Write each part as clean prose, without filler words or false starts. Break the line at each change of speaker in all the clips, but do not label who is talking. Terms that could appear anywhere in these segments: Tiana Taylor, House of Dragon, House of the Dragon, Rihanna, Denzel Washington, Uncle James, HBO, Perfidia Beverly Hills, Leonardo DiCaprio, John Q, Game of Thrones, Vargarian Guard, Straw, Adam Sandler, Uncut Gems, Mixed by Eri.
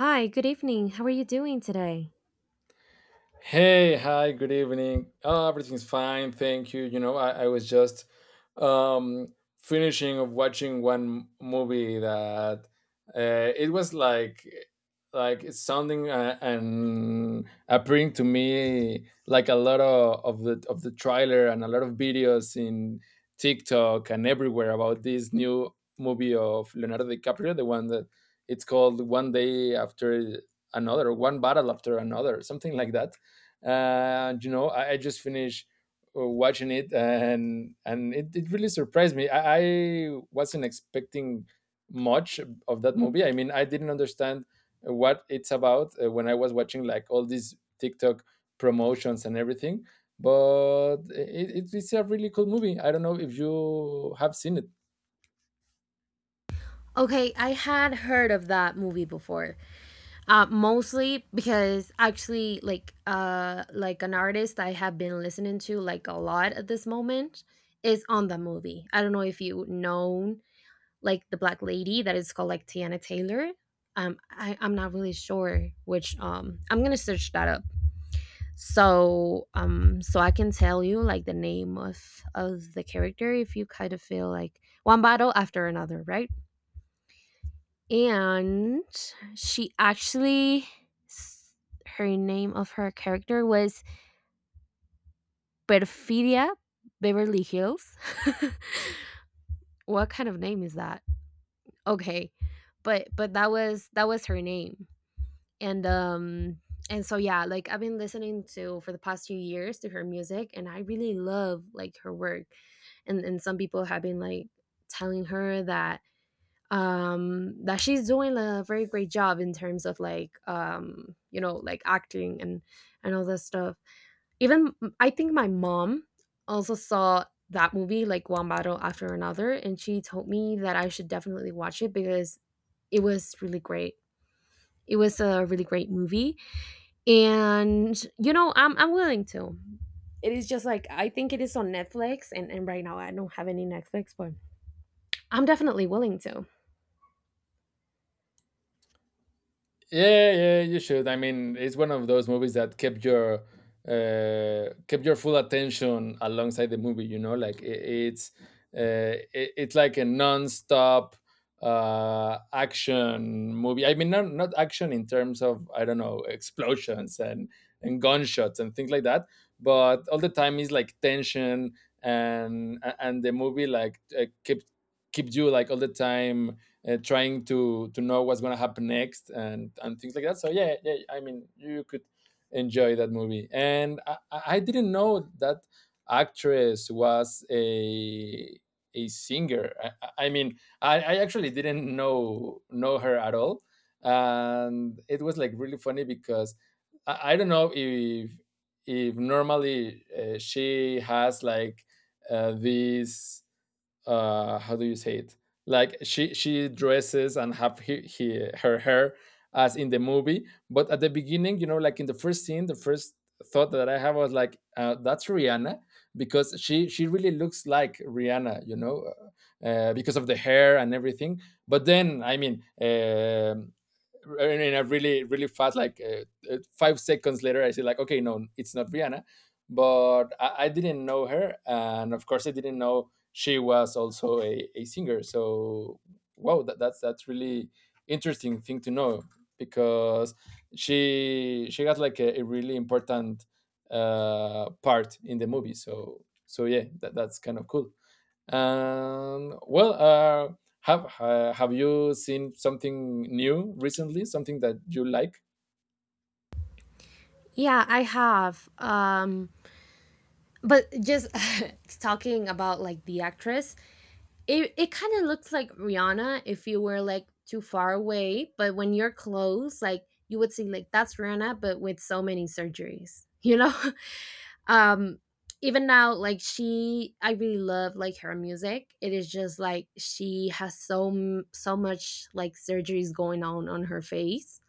Hi, good evening. How are you doing today?
Hey, hi, good evening. Everything's fine, thank you. You know, I was just um finishing of watching one movie that it was like it's sounding and appearing to me like a lot of the trailer and a lot of videos in TikTok and everywhere about this new movie of Leonardo DiCaprio, the one that it's called One Day After Another, One Battle After Another, something like that. And you know I just finished watching it, and it really surprised me. I wasn't expecting much of that movie. I mean, I didn't understand what it's about when I was watching like all these TikTok promotions and everything. But it's a really cool movie. I don't know if you have seen it.
Okay, I had heard of that movie before. Mostly because actually, like an artist I have been listening to like a lot at this moment is on the movie. I don't know if you know, like, the black lady that is called like Tiana Taylor. I'm not really sure which. I'm gonna search that up so I can tell you like the name of the character if you kind of feel like One Battle After Another, right? And she actually s- her name of her character was Perfidia Beverly Hills. What kind of name is that? Okay, but that was her name. And um and so yeah, like I've been listening to for the past few years to her music, and I really love like her work. And some people have been like telling her that that she's doing a very great job in terms of like, um, you know, like acting and all that stuff. Even I think my mom also saw that movie like One Battle After Another, and she told me that I should definitely watch it because it was really great. It was a really great movie. And you know, I'm willing to. It is just like I think it is on Netflix, and right now I don't have any Netflix, but I'm definitely willing to.
Yeah, yeah, you should. I mean, it's one of those movies that kept your full attention alongside the movie. You know, like it's it's like a non-stop action movie. I mean, not action in terms of, I don't know, explosions and gunshots and things like that, but all the time is like tension. And the movie like kept keeps you like all the time trying to know what's going to happen next and things like that. So yeah, yeah. I mean, you could enjoy that movie. And I didn't know that actress was a singer. I mean, I actually didn't know her at all, and it was like really funny because I don't know if normally she has like these how do you say it — like she dresses and have her hair as in the movie. But at the beginning, you know, like in the first scene, the first thought that I have was like, that's Rihanna, because she really looks like Rihanna, you know, because of the hair and everything. But then I mean, I mean, I really, really fast, like, 5 seconds later, I said, like, okay, no, it's not Rihanna. But I didn't know her. And of course, I didn't know she was also a singer. So, wow, that's really interesting thing to know, because she got like a really important part in the movie. So, so yeah, that, that's kind of cool. And well, have you seen something new recently? Something that you like?
Yeah, I have, um, but just talking about like the actress, it kind of looks like Rihanna if you were like too far away, but when you're close like you would see like that's Rihanna but with so many surgeries, you know. Um, even now like she, I really love like her music. It is just like she has so so much like surgeries going on her face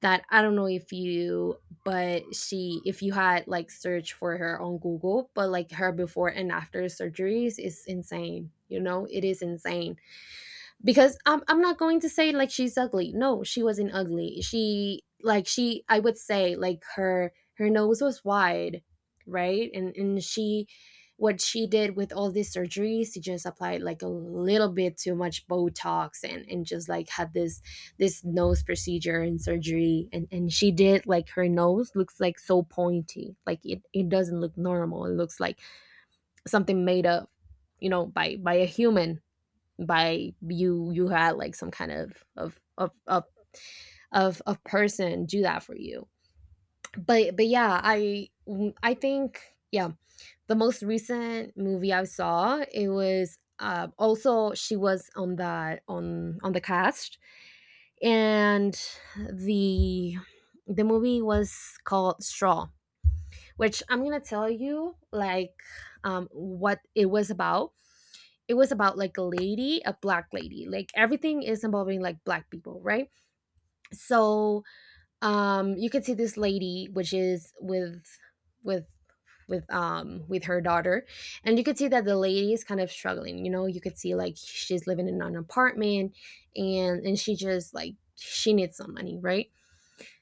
that I don't know if you, but she, if you had like search for her on Google, but like her before and after surgeries is insane, you know, it is insane. Because I'm, not going to say like she's ugly. No, she wasn't ugly. She like, she, I would say like her, her nose was wide, right? And she, what she did with all these surgeries, she just applied like a little bit too much Botox, and just like had this this nose procedure and surgery, and she did like her nose looks like so pointy like it doesn't look normal. It looks like something made up, you know, by a human. By you, you had like some kind of person do that for you. But yeah, I think, yeah, the most recent movie I saw, it was also she was on that on the cast, and the the movie was called Straw, which I'm gonna tell you like, um, what it was about. It was about like a lady, a black lady, like everything is involving like black people, right? So, um, you can see this lady which is with with with with her daughter, and you could see that the lady is kind of struggling, you know, you could see like she's living in an apartment, and she just like she needs some money, right?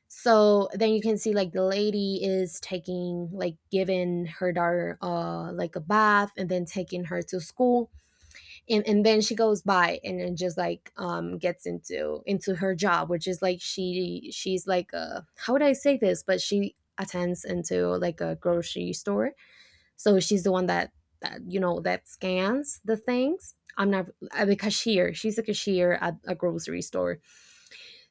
So then you can see like the lady is taking like giving her daughter like a bath, and then taking her to school, and then she goes by and then just like, um, gets into her job, which is like, she she's like a, how would I say this, but she attends into like a grocery store. So she's the one that you know, that scans the things. I'm not the cashier. She's a cashier at a grocery store.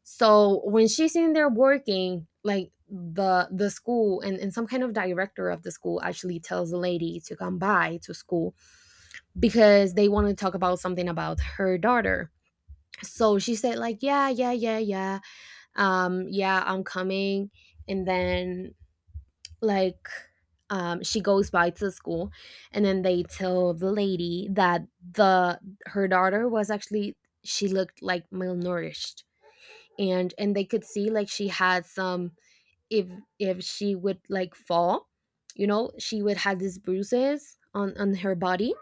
So when she's in there working, like the school and some kind of director of the school actually tells the lady to come by to school because they wanted to talk about something about her daughter. So she said like, "Yeah, yeah, yeah, yeah. Yeah, I'm coming." And then, like, um, she goes by to the school, and then they tell the lady that the her daughter was actually, she looked like malnourished, and they could see like she had some, if she would like fall, you know, she would have these bruises on her body.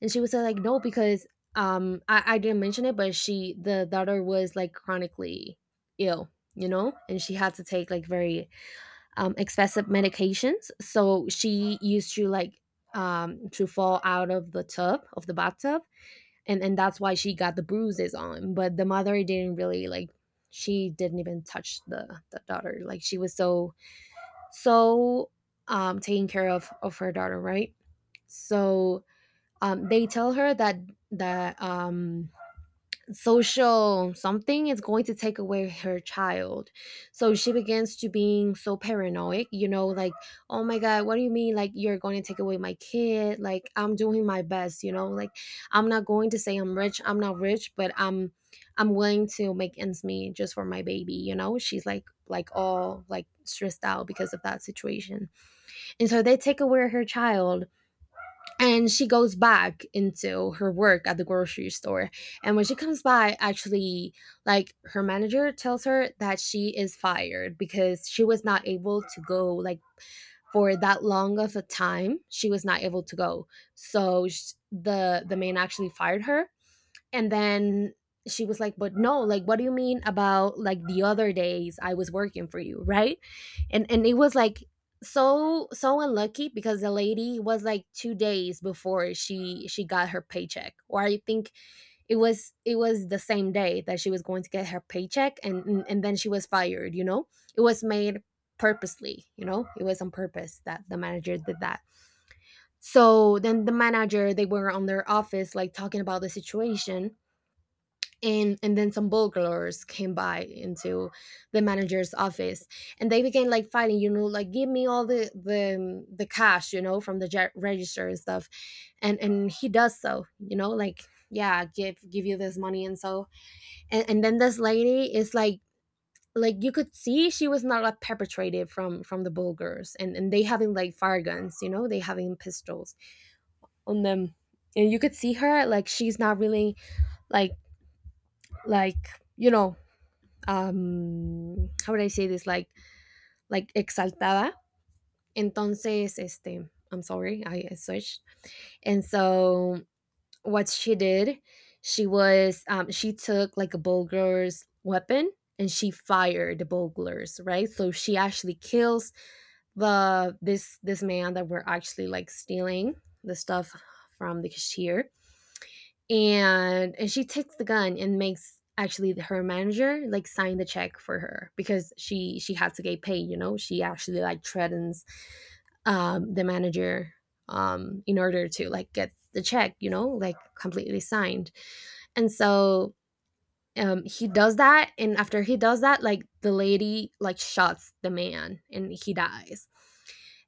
And she was, like no, because, um, I, didn't mention it, but she, the daughter was like chronically ill, you know, and she had to take like very, um, expensive medications. So she used to like, um, to fall out of the tub of the bathtub, and that's why she got the bruises on, but the mother didn't really like, she didn't even touch the daughter. Like she was so so, um, taking care of her daughter, right? So, they tell her that that um, social something is going to take away her child. So she begins to being so paranoid, you know, like, oh my god, what do you mean like you're going to take away my kid? Like, I'm doing my best, you know, like, I'm not going to say I'm rich, I'm not rich, but I'm willing to make ends meet just for my baby, you know. She's like all like stressed out because of that situation. And so they take away her child, and she goes back into her work at the grocery store. And when she comes by actually, like her manager tells her that she is fired because she was not able to go like for that long of a time she was not able to go. So sh the man actually fired her. And then she was like, but no, like what do you mean about like the other days I was working for you, right? And it was like so so unlucky, because the lady was like 2 days before she got her paycheck, or I think it was, it was the same day that she was going to get her paycheck, and and then she was fired, you know. It was made purposely, you know, it was on purpose that the manager did that. So then the manager, they were on their office like talking about the situation, and then some burglars came by into the manager's office, and they began like fighting, you know, like, give me all the, the cash, you know, from the register and stuff. And he does so, you know, like, yeah, give you this money. And so, and then this lady is like you could see she was not like perpetrated from the bulgars, and they having like fire guns, you know, they having pistols on them. And you could see her, like she's not really like like, you know, um, how would I say this, like exaltada. Entonces, este, I'm sorry, I switched. And so what she did, she was, um, she took like a burglar's weapon, and she fired the burglars, right? So she actually kills the this man that were actually like stealing the stuff from the cashier. And she takes the gun and makes actually her manager like sign the check for her, because she had to get paid, you know. She actually like threatens, um, the manager, um, in order to like get the check, you know, like completely signed. And so, um, he does that, and after he does that, like the lady like shots the man and he dies.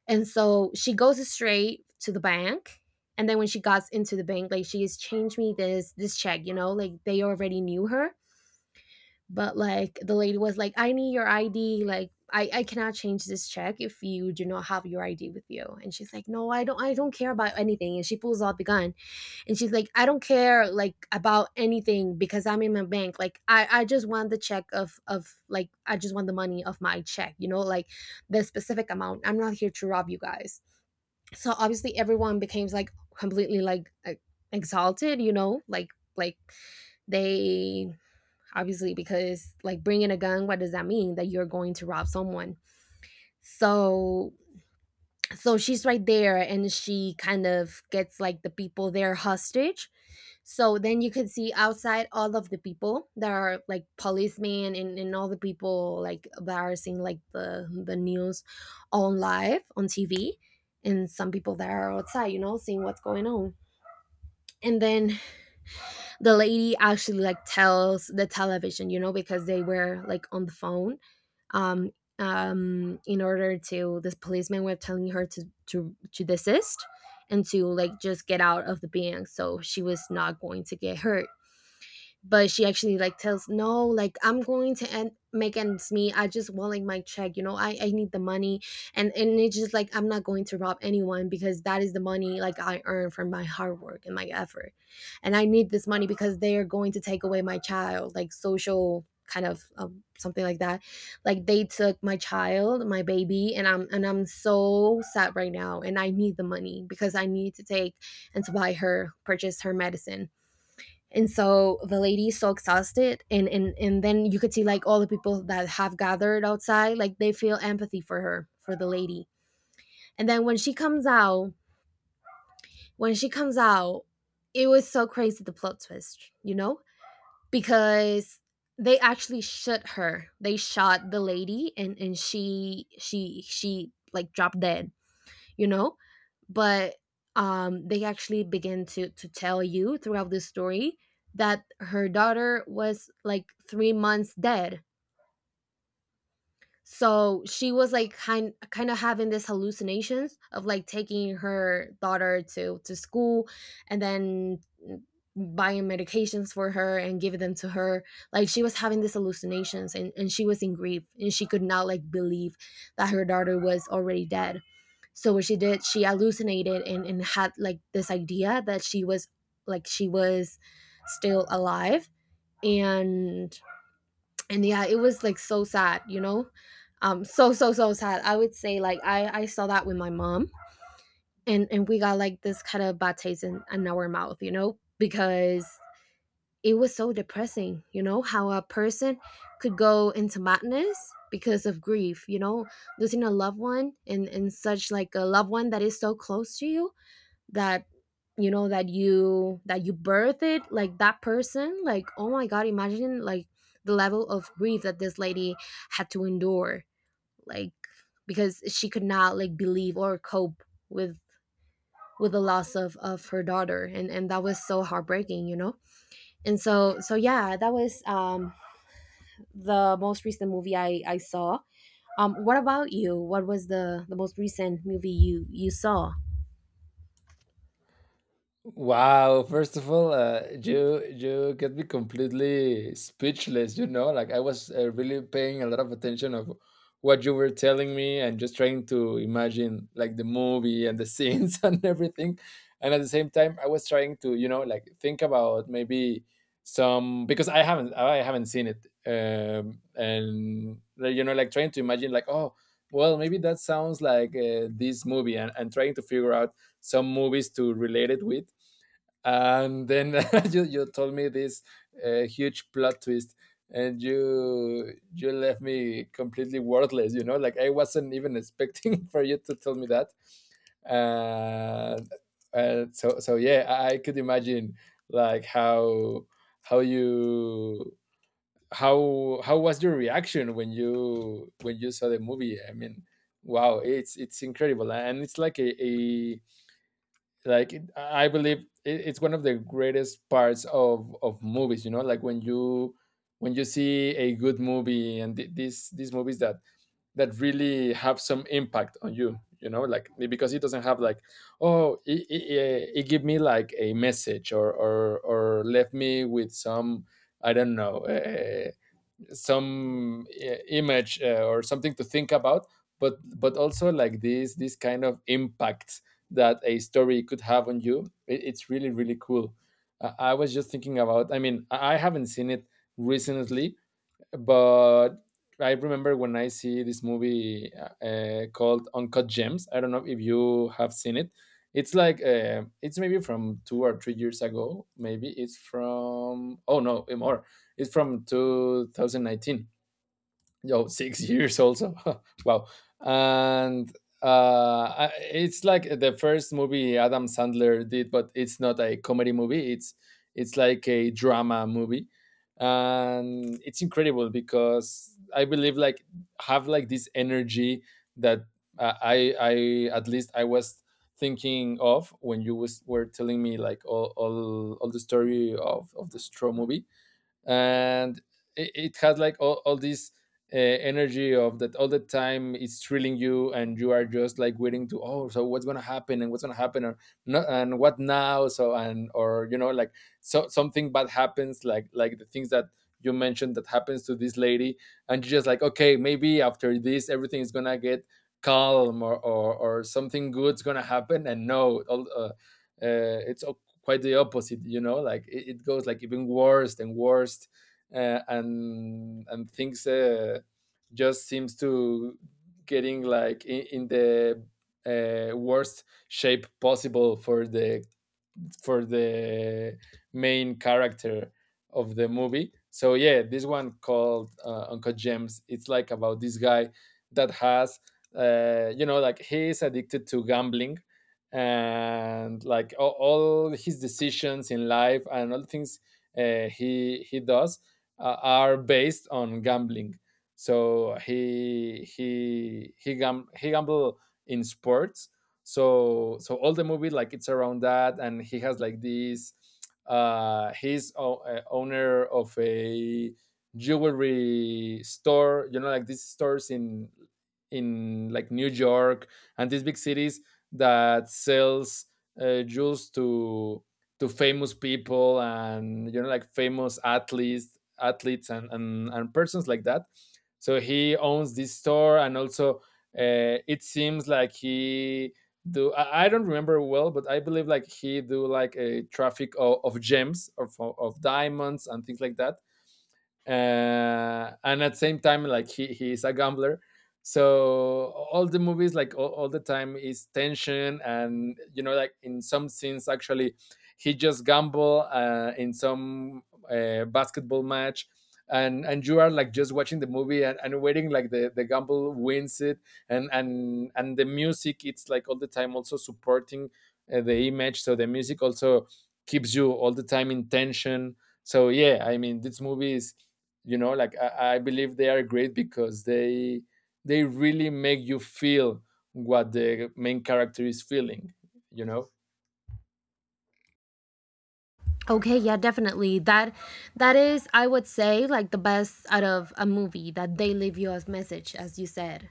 And so she goes straight to the bank. And then when she got into the bank, like, she has changed me this this check, you know, like they already knew her. But like the lady was like, I need your ID, like I, cannot change this check if you do not have your ID with you. And she's like, No, I don't, I don't care about anything. And she pulls out the gun. And she's like, I don't care like about anything because I'm in my bank. Like I just want the check of like I just want the money of my check, you know, like the specific amount. I'm not here to rob you guys. So obviously everyone became like completely like exalted, you know, like they obviously because like bringing a gun, what does that mean? That you're going to rob someone. So so she's right there and she kind of gets like the people there hostage. So then you can see outside all of the people that are like policemen, and all the people like that are seeing like the news on live on TV and some people that are outside, you know, seeing what's going on. And then the lady actually like tells the television, you know, because they were like on the phone. um in order to this, policeman were telling her to desist and to like just get out of the being so she was not going to get hurt. But she actually like tells no, like I'm going to end make ends meet. I just want like my check, you know, I need the money. And it's just like I'm not going to rob anyone because that is the money like I earn from my hard work and my effort. And I need this money because they are going to take away my child like social kind of something like that. Like they took my child, my baby, and I'm and I'm so sad right now, and I need the money because I need to take and to buy her, purchase her medicine. And so the lady is so exhausted, and and then you could see like all the people that have gathered outside like they feel empathy for her, for the lady. And then when she comes out, when she comes out, it was so crazy, the plot twist, you know, because they actually shot her, they shot the lady, and she like dropped dead, you know. But they actually begin to tell you throughout this story that her daughter was like 3 months dead. So she was like kind of having this hallucinations of like taking her daughter to school and then buying medications for her and giving them to her. Like she was having these hallucinations, and she was in grief and she could not like believe that her daughter was already dead. So what she did, she hallucinated, and had like this idea that she was like she was still alive. and and yeah, it was like so sad, you know. So so sad, I would say. Like I saw that with my mom. And we got like this kind of bad taste in our mouth, you know, because it was so depressing, you know, how a person could go into madness because of grief, you know, losing a loved one, and such like a loved one that is so close to you that, you know, that you birth it like that person. Like, oh my god, imagine like the level of grief that this lady had to endure. Like because she could not like believe or cope with with the loss of her daughter. And that was so heartbreaking, you know. And so yeah, that was the most recent movie I saw. What about you? What was the most recent movie you saw?
Wow, first of all, you get me completely speechless, you know? Like I was really paying a lot of attention of what you were telling me and just trying to imagine like the movie and the scenes and everything. And at the same time, I was trying to, you know, like think about maybe some, because I haven't seen it. And like, you know, like trying to imagine like, oh well, maybe that sounds like this movie, and trying to figure out some movies to relate it with. And then you told me this huge plot twist, and you left me completely worthless. You know, like I wasn't even expecting for you to tell me that. uh, so, so yeah, I could imagine like how you how was your reaction when you saw the movie. I mean, wow, it's incredible, and it's like a — like I believe it's one of the greatest parts of movies. You know, like when you see a good movie, and these movies that really have some impact on you, you know, like because it doesn't have like, oh, it give me like a message, or or left me with some, I don't know, some image, or something to think about. But also like these kind of impacts that a story could have on you, it's really really cool. I was just thinking about, I mean, I haven't seen it recently, but I remember when I see this movie called Uncut Gems. I don't know if you have seen it. It's like it's maybe from 2 or 3 years ago. Maybe it's from, oh no, eh, more. It's from 2019. Yo, 6 years also. Wow. And it's like the first movie Adam Sandler did, but it's not a comedy movie. It's like a drama movie. And it's incredible because I believe like have like this energy that, I at least I was thinking of when you was were telling me like all the story of the Straw movie. And it has like all this energy of that — all the time it's thrilling you, and you are just like waiting to, oh, so what's gonna happen, and what's gonna happen, or no, and what now, so and, or you know like, so something bad happens, like the things that you mentioned that happens to this lady, and you're just like, okay, maybe after this everything is gonna get calm, or or something good's gonna happen. And no, it's quite the opposite. You know, like it goes like even worse and worse. And things just seems to getting like in the worst shape possible for the for the main character of the movie. So yeah, this one called Uncle James. It's like about this guy that has, you know, like he is addicted to gambling, and like all his decisions in life and all the things he does are based on gambling. So he gamble in sports. So so all the movie like it's around that. And he has like this, he's owner of a jewelry store. You know, like these stores in like New York and these big cities, that sells jewels to famous people, and you know, like famous athletes and and persons like that. So he owns this store, and also it seems like he do, I don't remember well, but I believe like he do like a traffic of gems of diamonds and things like that. And at the same time, like he is a gambler. So all the movies like all the time is tension, and you know, like in some scenes actually he just gamble in some basketball match. And you are like just watching the movie, and waiting like the gamble wins it. And and the music it's like all the time also supporting the image. So the music also keeps you all the time in tension. So yeah, I mean, this movie is, you know, like I believe they are great because they really make you feel what the main character is feeling, you know.
Okay, yeah, definitely. That that is, I would say, like the best out of a movie that they leave you as message, as you said.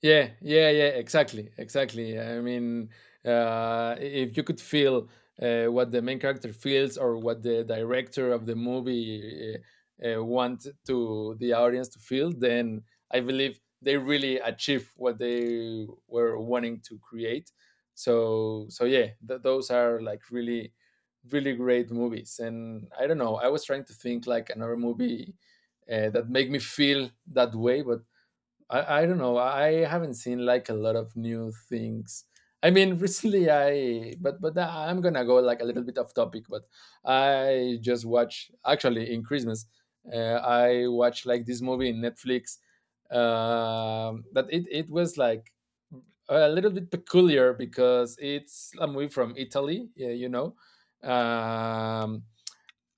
Yeah, yeah, yeah, exactly, exactly. I mean, if you could feel what the main character feels, or what the director of the movie want to the audience to feel, then I believe they really achieve what they were wanting to create. So, so yeah, those are like really, really great movies. And I don't know, I was trying to think like another movie that make me feel that way, but I don't know. I haven't seen like a lot of new things. I mean, recently but I'm gonna go like a little bit off topic. But I just watch actually in Christmas, I watched like this movie in Netflix. That it was like a little bit peculiar because it's a movie from Italy. Yeah, you know, um,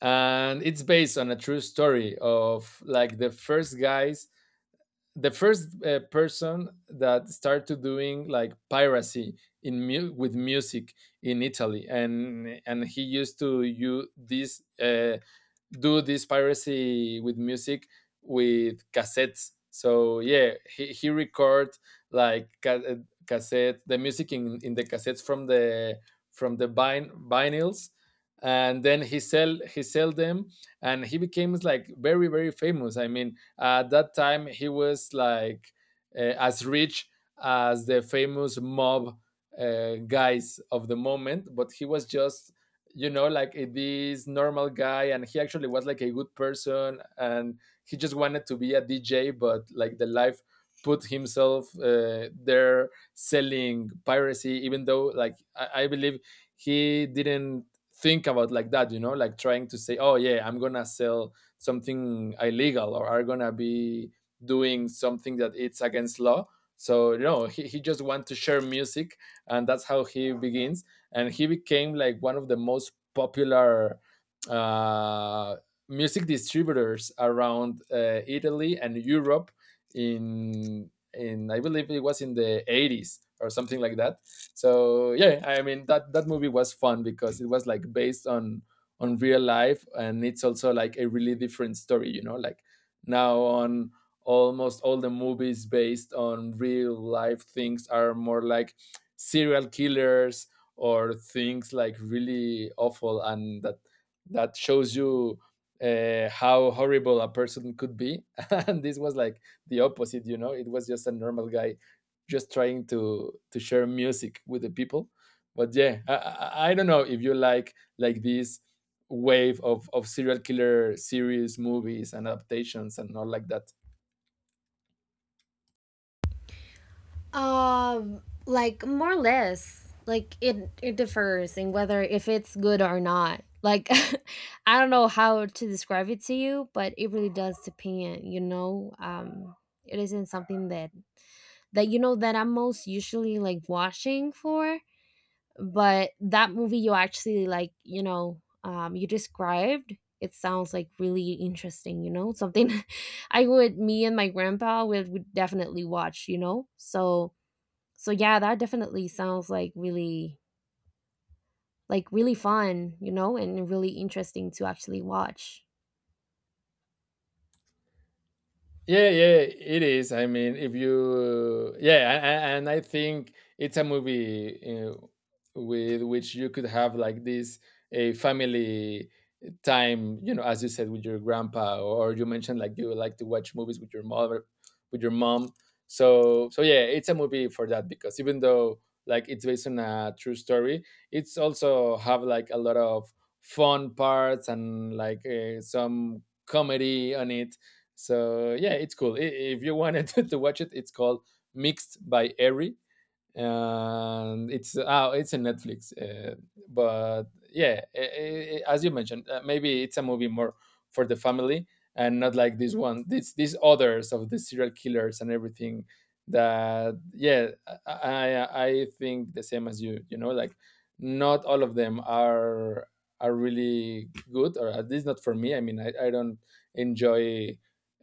and it's based on a true story of like the first person that started doing like piracy in with music in Italy, and he used to use this do this piracy with music with cassettes. So yeah, he record like ca- uh, cassette the music in the cassettes from the from the vinyls and then he sell them. And he became like very famous. I mean at that time he was like as rich as the famous mob guys of the moment, but he was just, you know, like this normal guy. And he actually was like a good person, and he just wanted to be a DJ, but like the life put himself there selling piracy, even though like I believe he didn't think about like that, you know, like trying to say, oh yeah, I'm gonna sell something illegal or are gonna be doing something that it's against law. So you know, he just want to share music, and that's how he begins. And he became like one of the most popular uh, music distributors around, Italy and Europe. In I believe it was in the 80s or something like that. So yeah, I mean that movie was fun because it was like based on real life, and it's also like a really different story, you know, like now on almost all the movies based on real life things are more like serial killers or things like really awful. And that shows you how horrible a person could be, and this was like the opposite. You know, it was just a normal guy just trying to share music with the people. But yeah, I don't know if you like this wave of serial killer series, movies and adaptations and all like that.
Like more or less, like it differs in whether if it's good or not. Like, I don't know how to describe it to you, but it really does depend. You know, it isn't something that that you know that I'm most usually like watching for, but that movie you actually like, you know, you described, it sounds like really interesting, you know, something I would, me and my grandpa would definitely watch, you know. So so yeah, that definitely sounds like really fun, you know, and really interesting to actually watch.
Yeah, yeah, it is. I mean, if you, yeah, and I think it's a movie with which you could have like this a family time, you know, as you said with your grandpa, or you mentioned like you like to watch movies with your mother, with your mom. So yeah, it's a movie for that because even though like it's based on a true story, it's also have like a lot of fun parts and like some comedy on it. So yeah, it's cool. If you wanted to watch it, it's called Mixed by Eri, and it's, oh, it's a Netflix. But yeah, as you mentioned, maybe it's a movie more for the family and not like this one. This these others of the serial killers and everything. That, yeah, I think the same as you. You know, like not all of them are really good, or at least not for me. I mean, I don't enjoy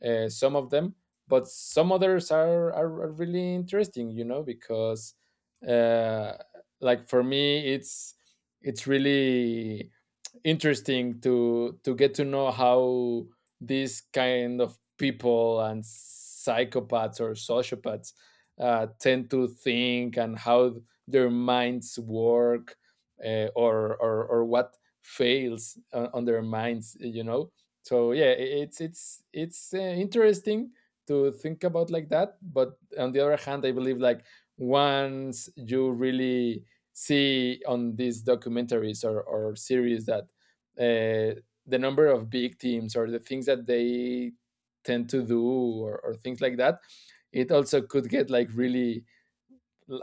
some of them, but some others are really interesting. You know, because uh, like for me it's really interesting to get to know how these kind of people and psychopaths or sociopaths tend to think and how their minds work, or what fails on their minds, you know. So yeah, it's interesting to think about like that. But on the other hand, I believe like once you really see on these documentaries or series that uh, the number of big teams or the things that they tend to do or things like that, it also could get like really,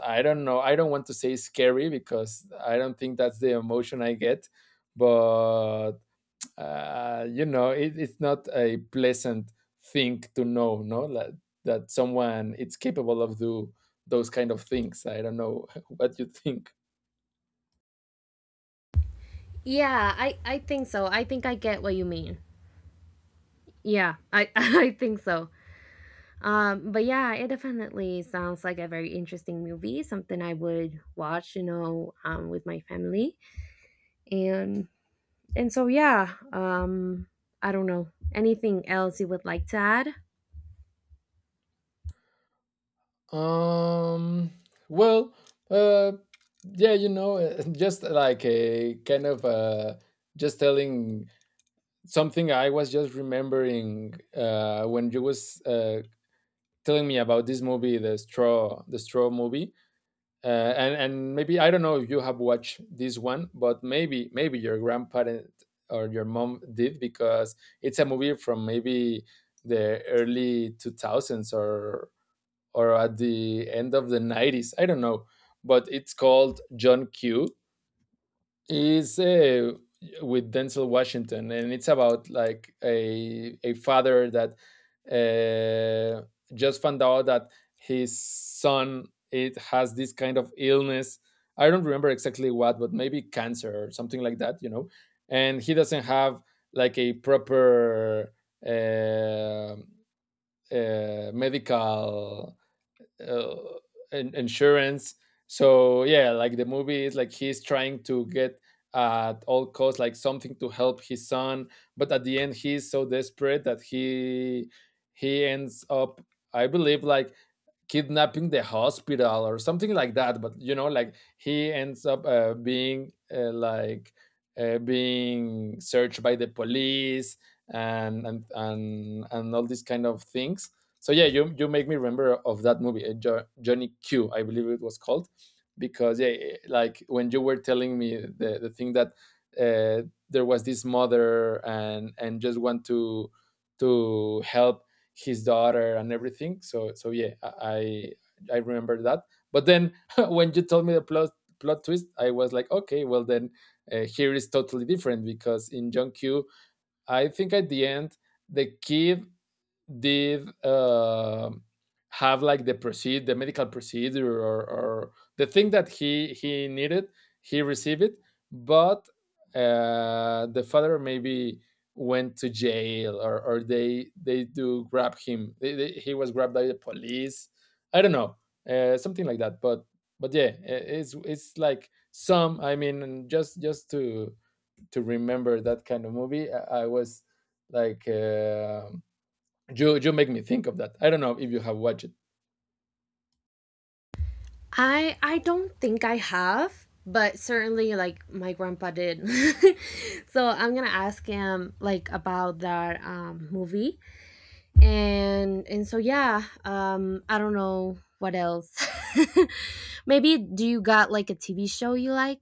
I don't know, I don't want to say scary, because I don't think that's the emotion I get, but you know, it's not a pleasant thing to know, no, like, that someone it's capable of do those kind of things. I don't know what you think.
Yeah, I think so. I think I get what you mean. Yeah, I I think so. But yeah, it definitely sounds like a very interesting movie, something I would watch, you know, with my family. And and so yeah, I don't know anything else you would like to add.
Um. Well. Uh. Yeah. You know, just like a kind of, just telling something I was just remembering when you was telling me about this movie, the straw movie. And maybe I don't know if you have watched this one, but maybe your grandparent or your mom did, because it's a movie from maybe the early 2000s or at the end of the 90s, I don't know. But it's called John Q. Is, with Denzel Washington, and it's about like a father that uh, just found out that his son it has this kind of illness. I don't remember exactly what, but maybe cancer or something like that, you know. And he doesn't have like a proper uh, medical uh, insurance. So yeah, like the movie is like he's trying to get at all costs like something to help his son, but at the end he's so desperate that he ends up, I believe, like kidnapping the hospital or something like that. But you know, like he ends up being, like being searched by the police, and and all these kind of things. So yeah, you make me remember of that movie, uh, Johnny Q, I believe it was called. Because yeah, like when you were telling me the thing that uh, there was this mother, and just want to help his daughter and everything. So yeah, I remember that. But then when you told me the plot twist, I was like, okay, well then, here is totally different, because in John Q, I think at the end the kid did have like the medical procedure, or the thing that he needed, he received it. But the father maybe went to jail, or, or they do grab him, they, he was grabbed by the police, I don't know, something like that. But yeah, it's like some, I mean, just to remember that kind of movie. I was like, you you make me think of that. I don't know if you have watched.
I don't think I have, but certainly like my grandpa did. So I'm gonna ask him like about that movie. And so yeah, um, I don't know what else. Maybe do you got like a TV show you like?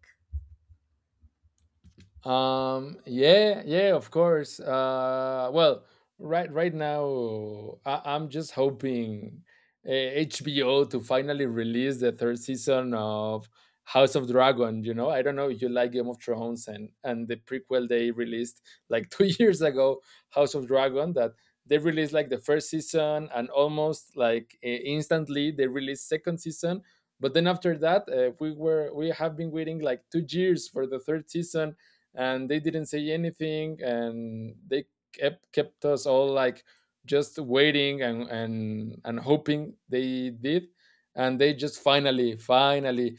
Yeah, yeah, of course. Well, right now, I'm just hoping HBO to finally release the third season of House of Dragon. You know, I don't know if you like Game of Thrones and the prequel they released like 2 years ago, House of Dragon, that they released like the first season, and almost like instantly they released second season. But then after that, we have been waiting like 2 years for the third season, and they didn't say anything, and they kept us all like just waiting and and hoping they did. And they just finally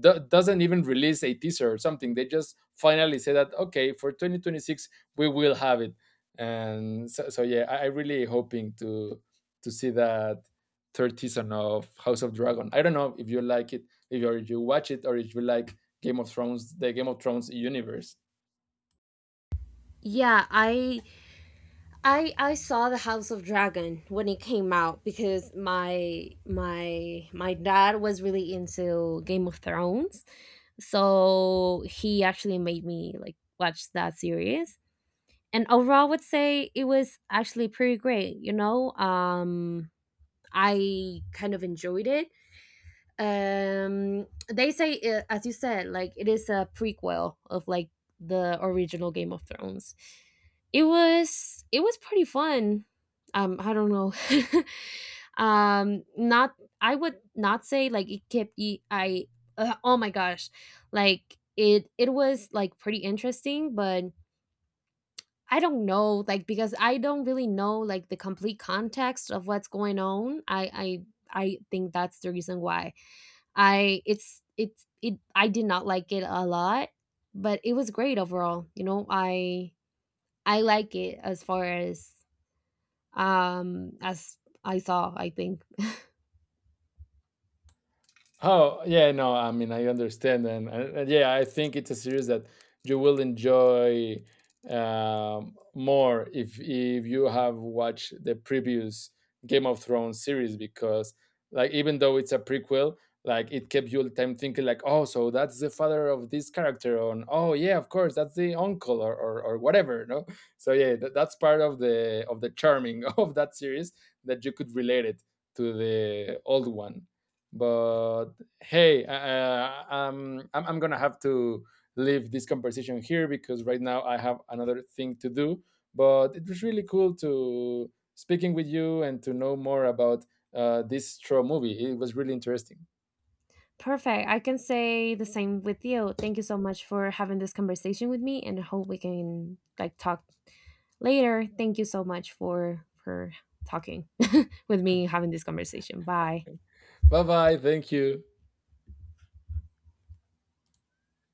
doesn't even release a teaser or something. They just finally say that, okay, for 2026 we will have it. And so, so yeah, I really hoping to see that third season of House of Dragon. I don't know if you like it, if you, or if you watch it, or if you like Game of Thrones, the Game of Thrones universe.
Yeah, I saw The House of Dragon when it came out because my dad was really into Game of Thrones. So he actually made me like watch that series. And overall, I would say it was actually pretty great, you know. Um, I kind of enjoyed it. Um, they say as you said, like it is a prequel of like the original Game of Thrones. It was, it was pretty fun. Um, I don't know. Um, not, I would not say like it kept I oh my gosh, like it was like pretty interesting. But I don't know, like, because I don't really know like the complete context of what's going on, I I think that's the reason why I, it I did not like it a lot, but it was great overall, you know? I like it as far as I saw, I think.
Oh, yeah, no, I mean, I understand. And yeah, I think it's a series that you will enjoy more if you have watched the previous Game of Thrones series, because, like, even though it's a prequel, like, it kept you all the time thinking, like, oh, so that's the father of this character, on, oh, yeah, of course, that's the uncle, or whatever, no? So, yeah, that, that's part of the charming of that series that you could relate it to the old one. But hey, I'm going to have to leave this conversation here because right now I have another thing to do. But it was really cool to speaking with you and to know more about this Straw movie. It was really interesting.
Perfect. I can say the same with you. Thank you so much for having this conversation with me, and I hope we can, like, talk later. Thank you so much for talking with me, having this conversation. Bye.
Bye bye. Thank you.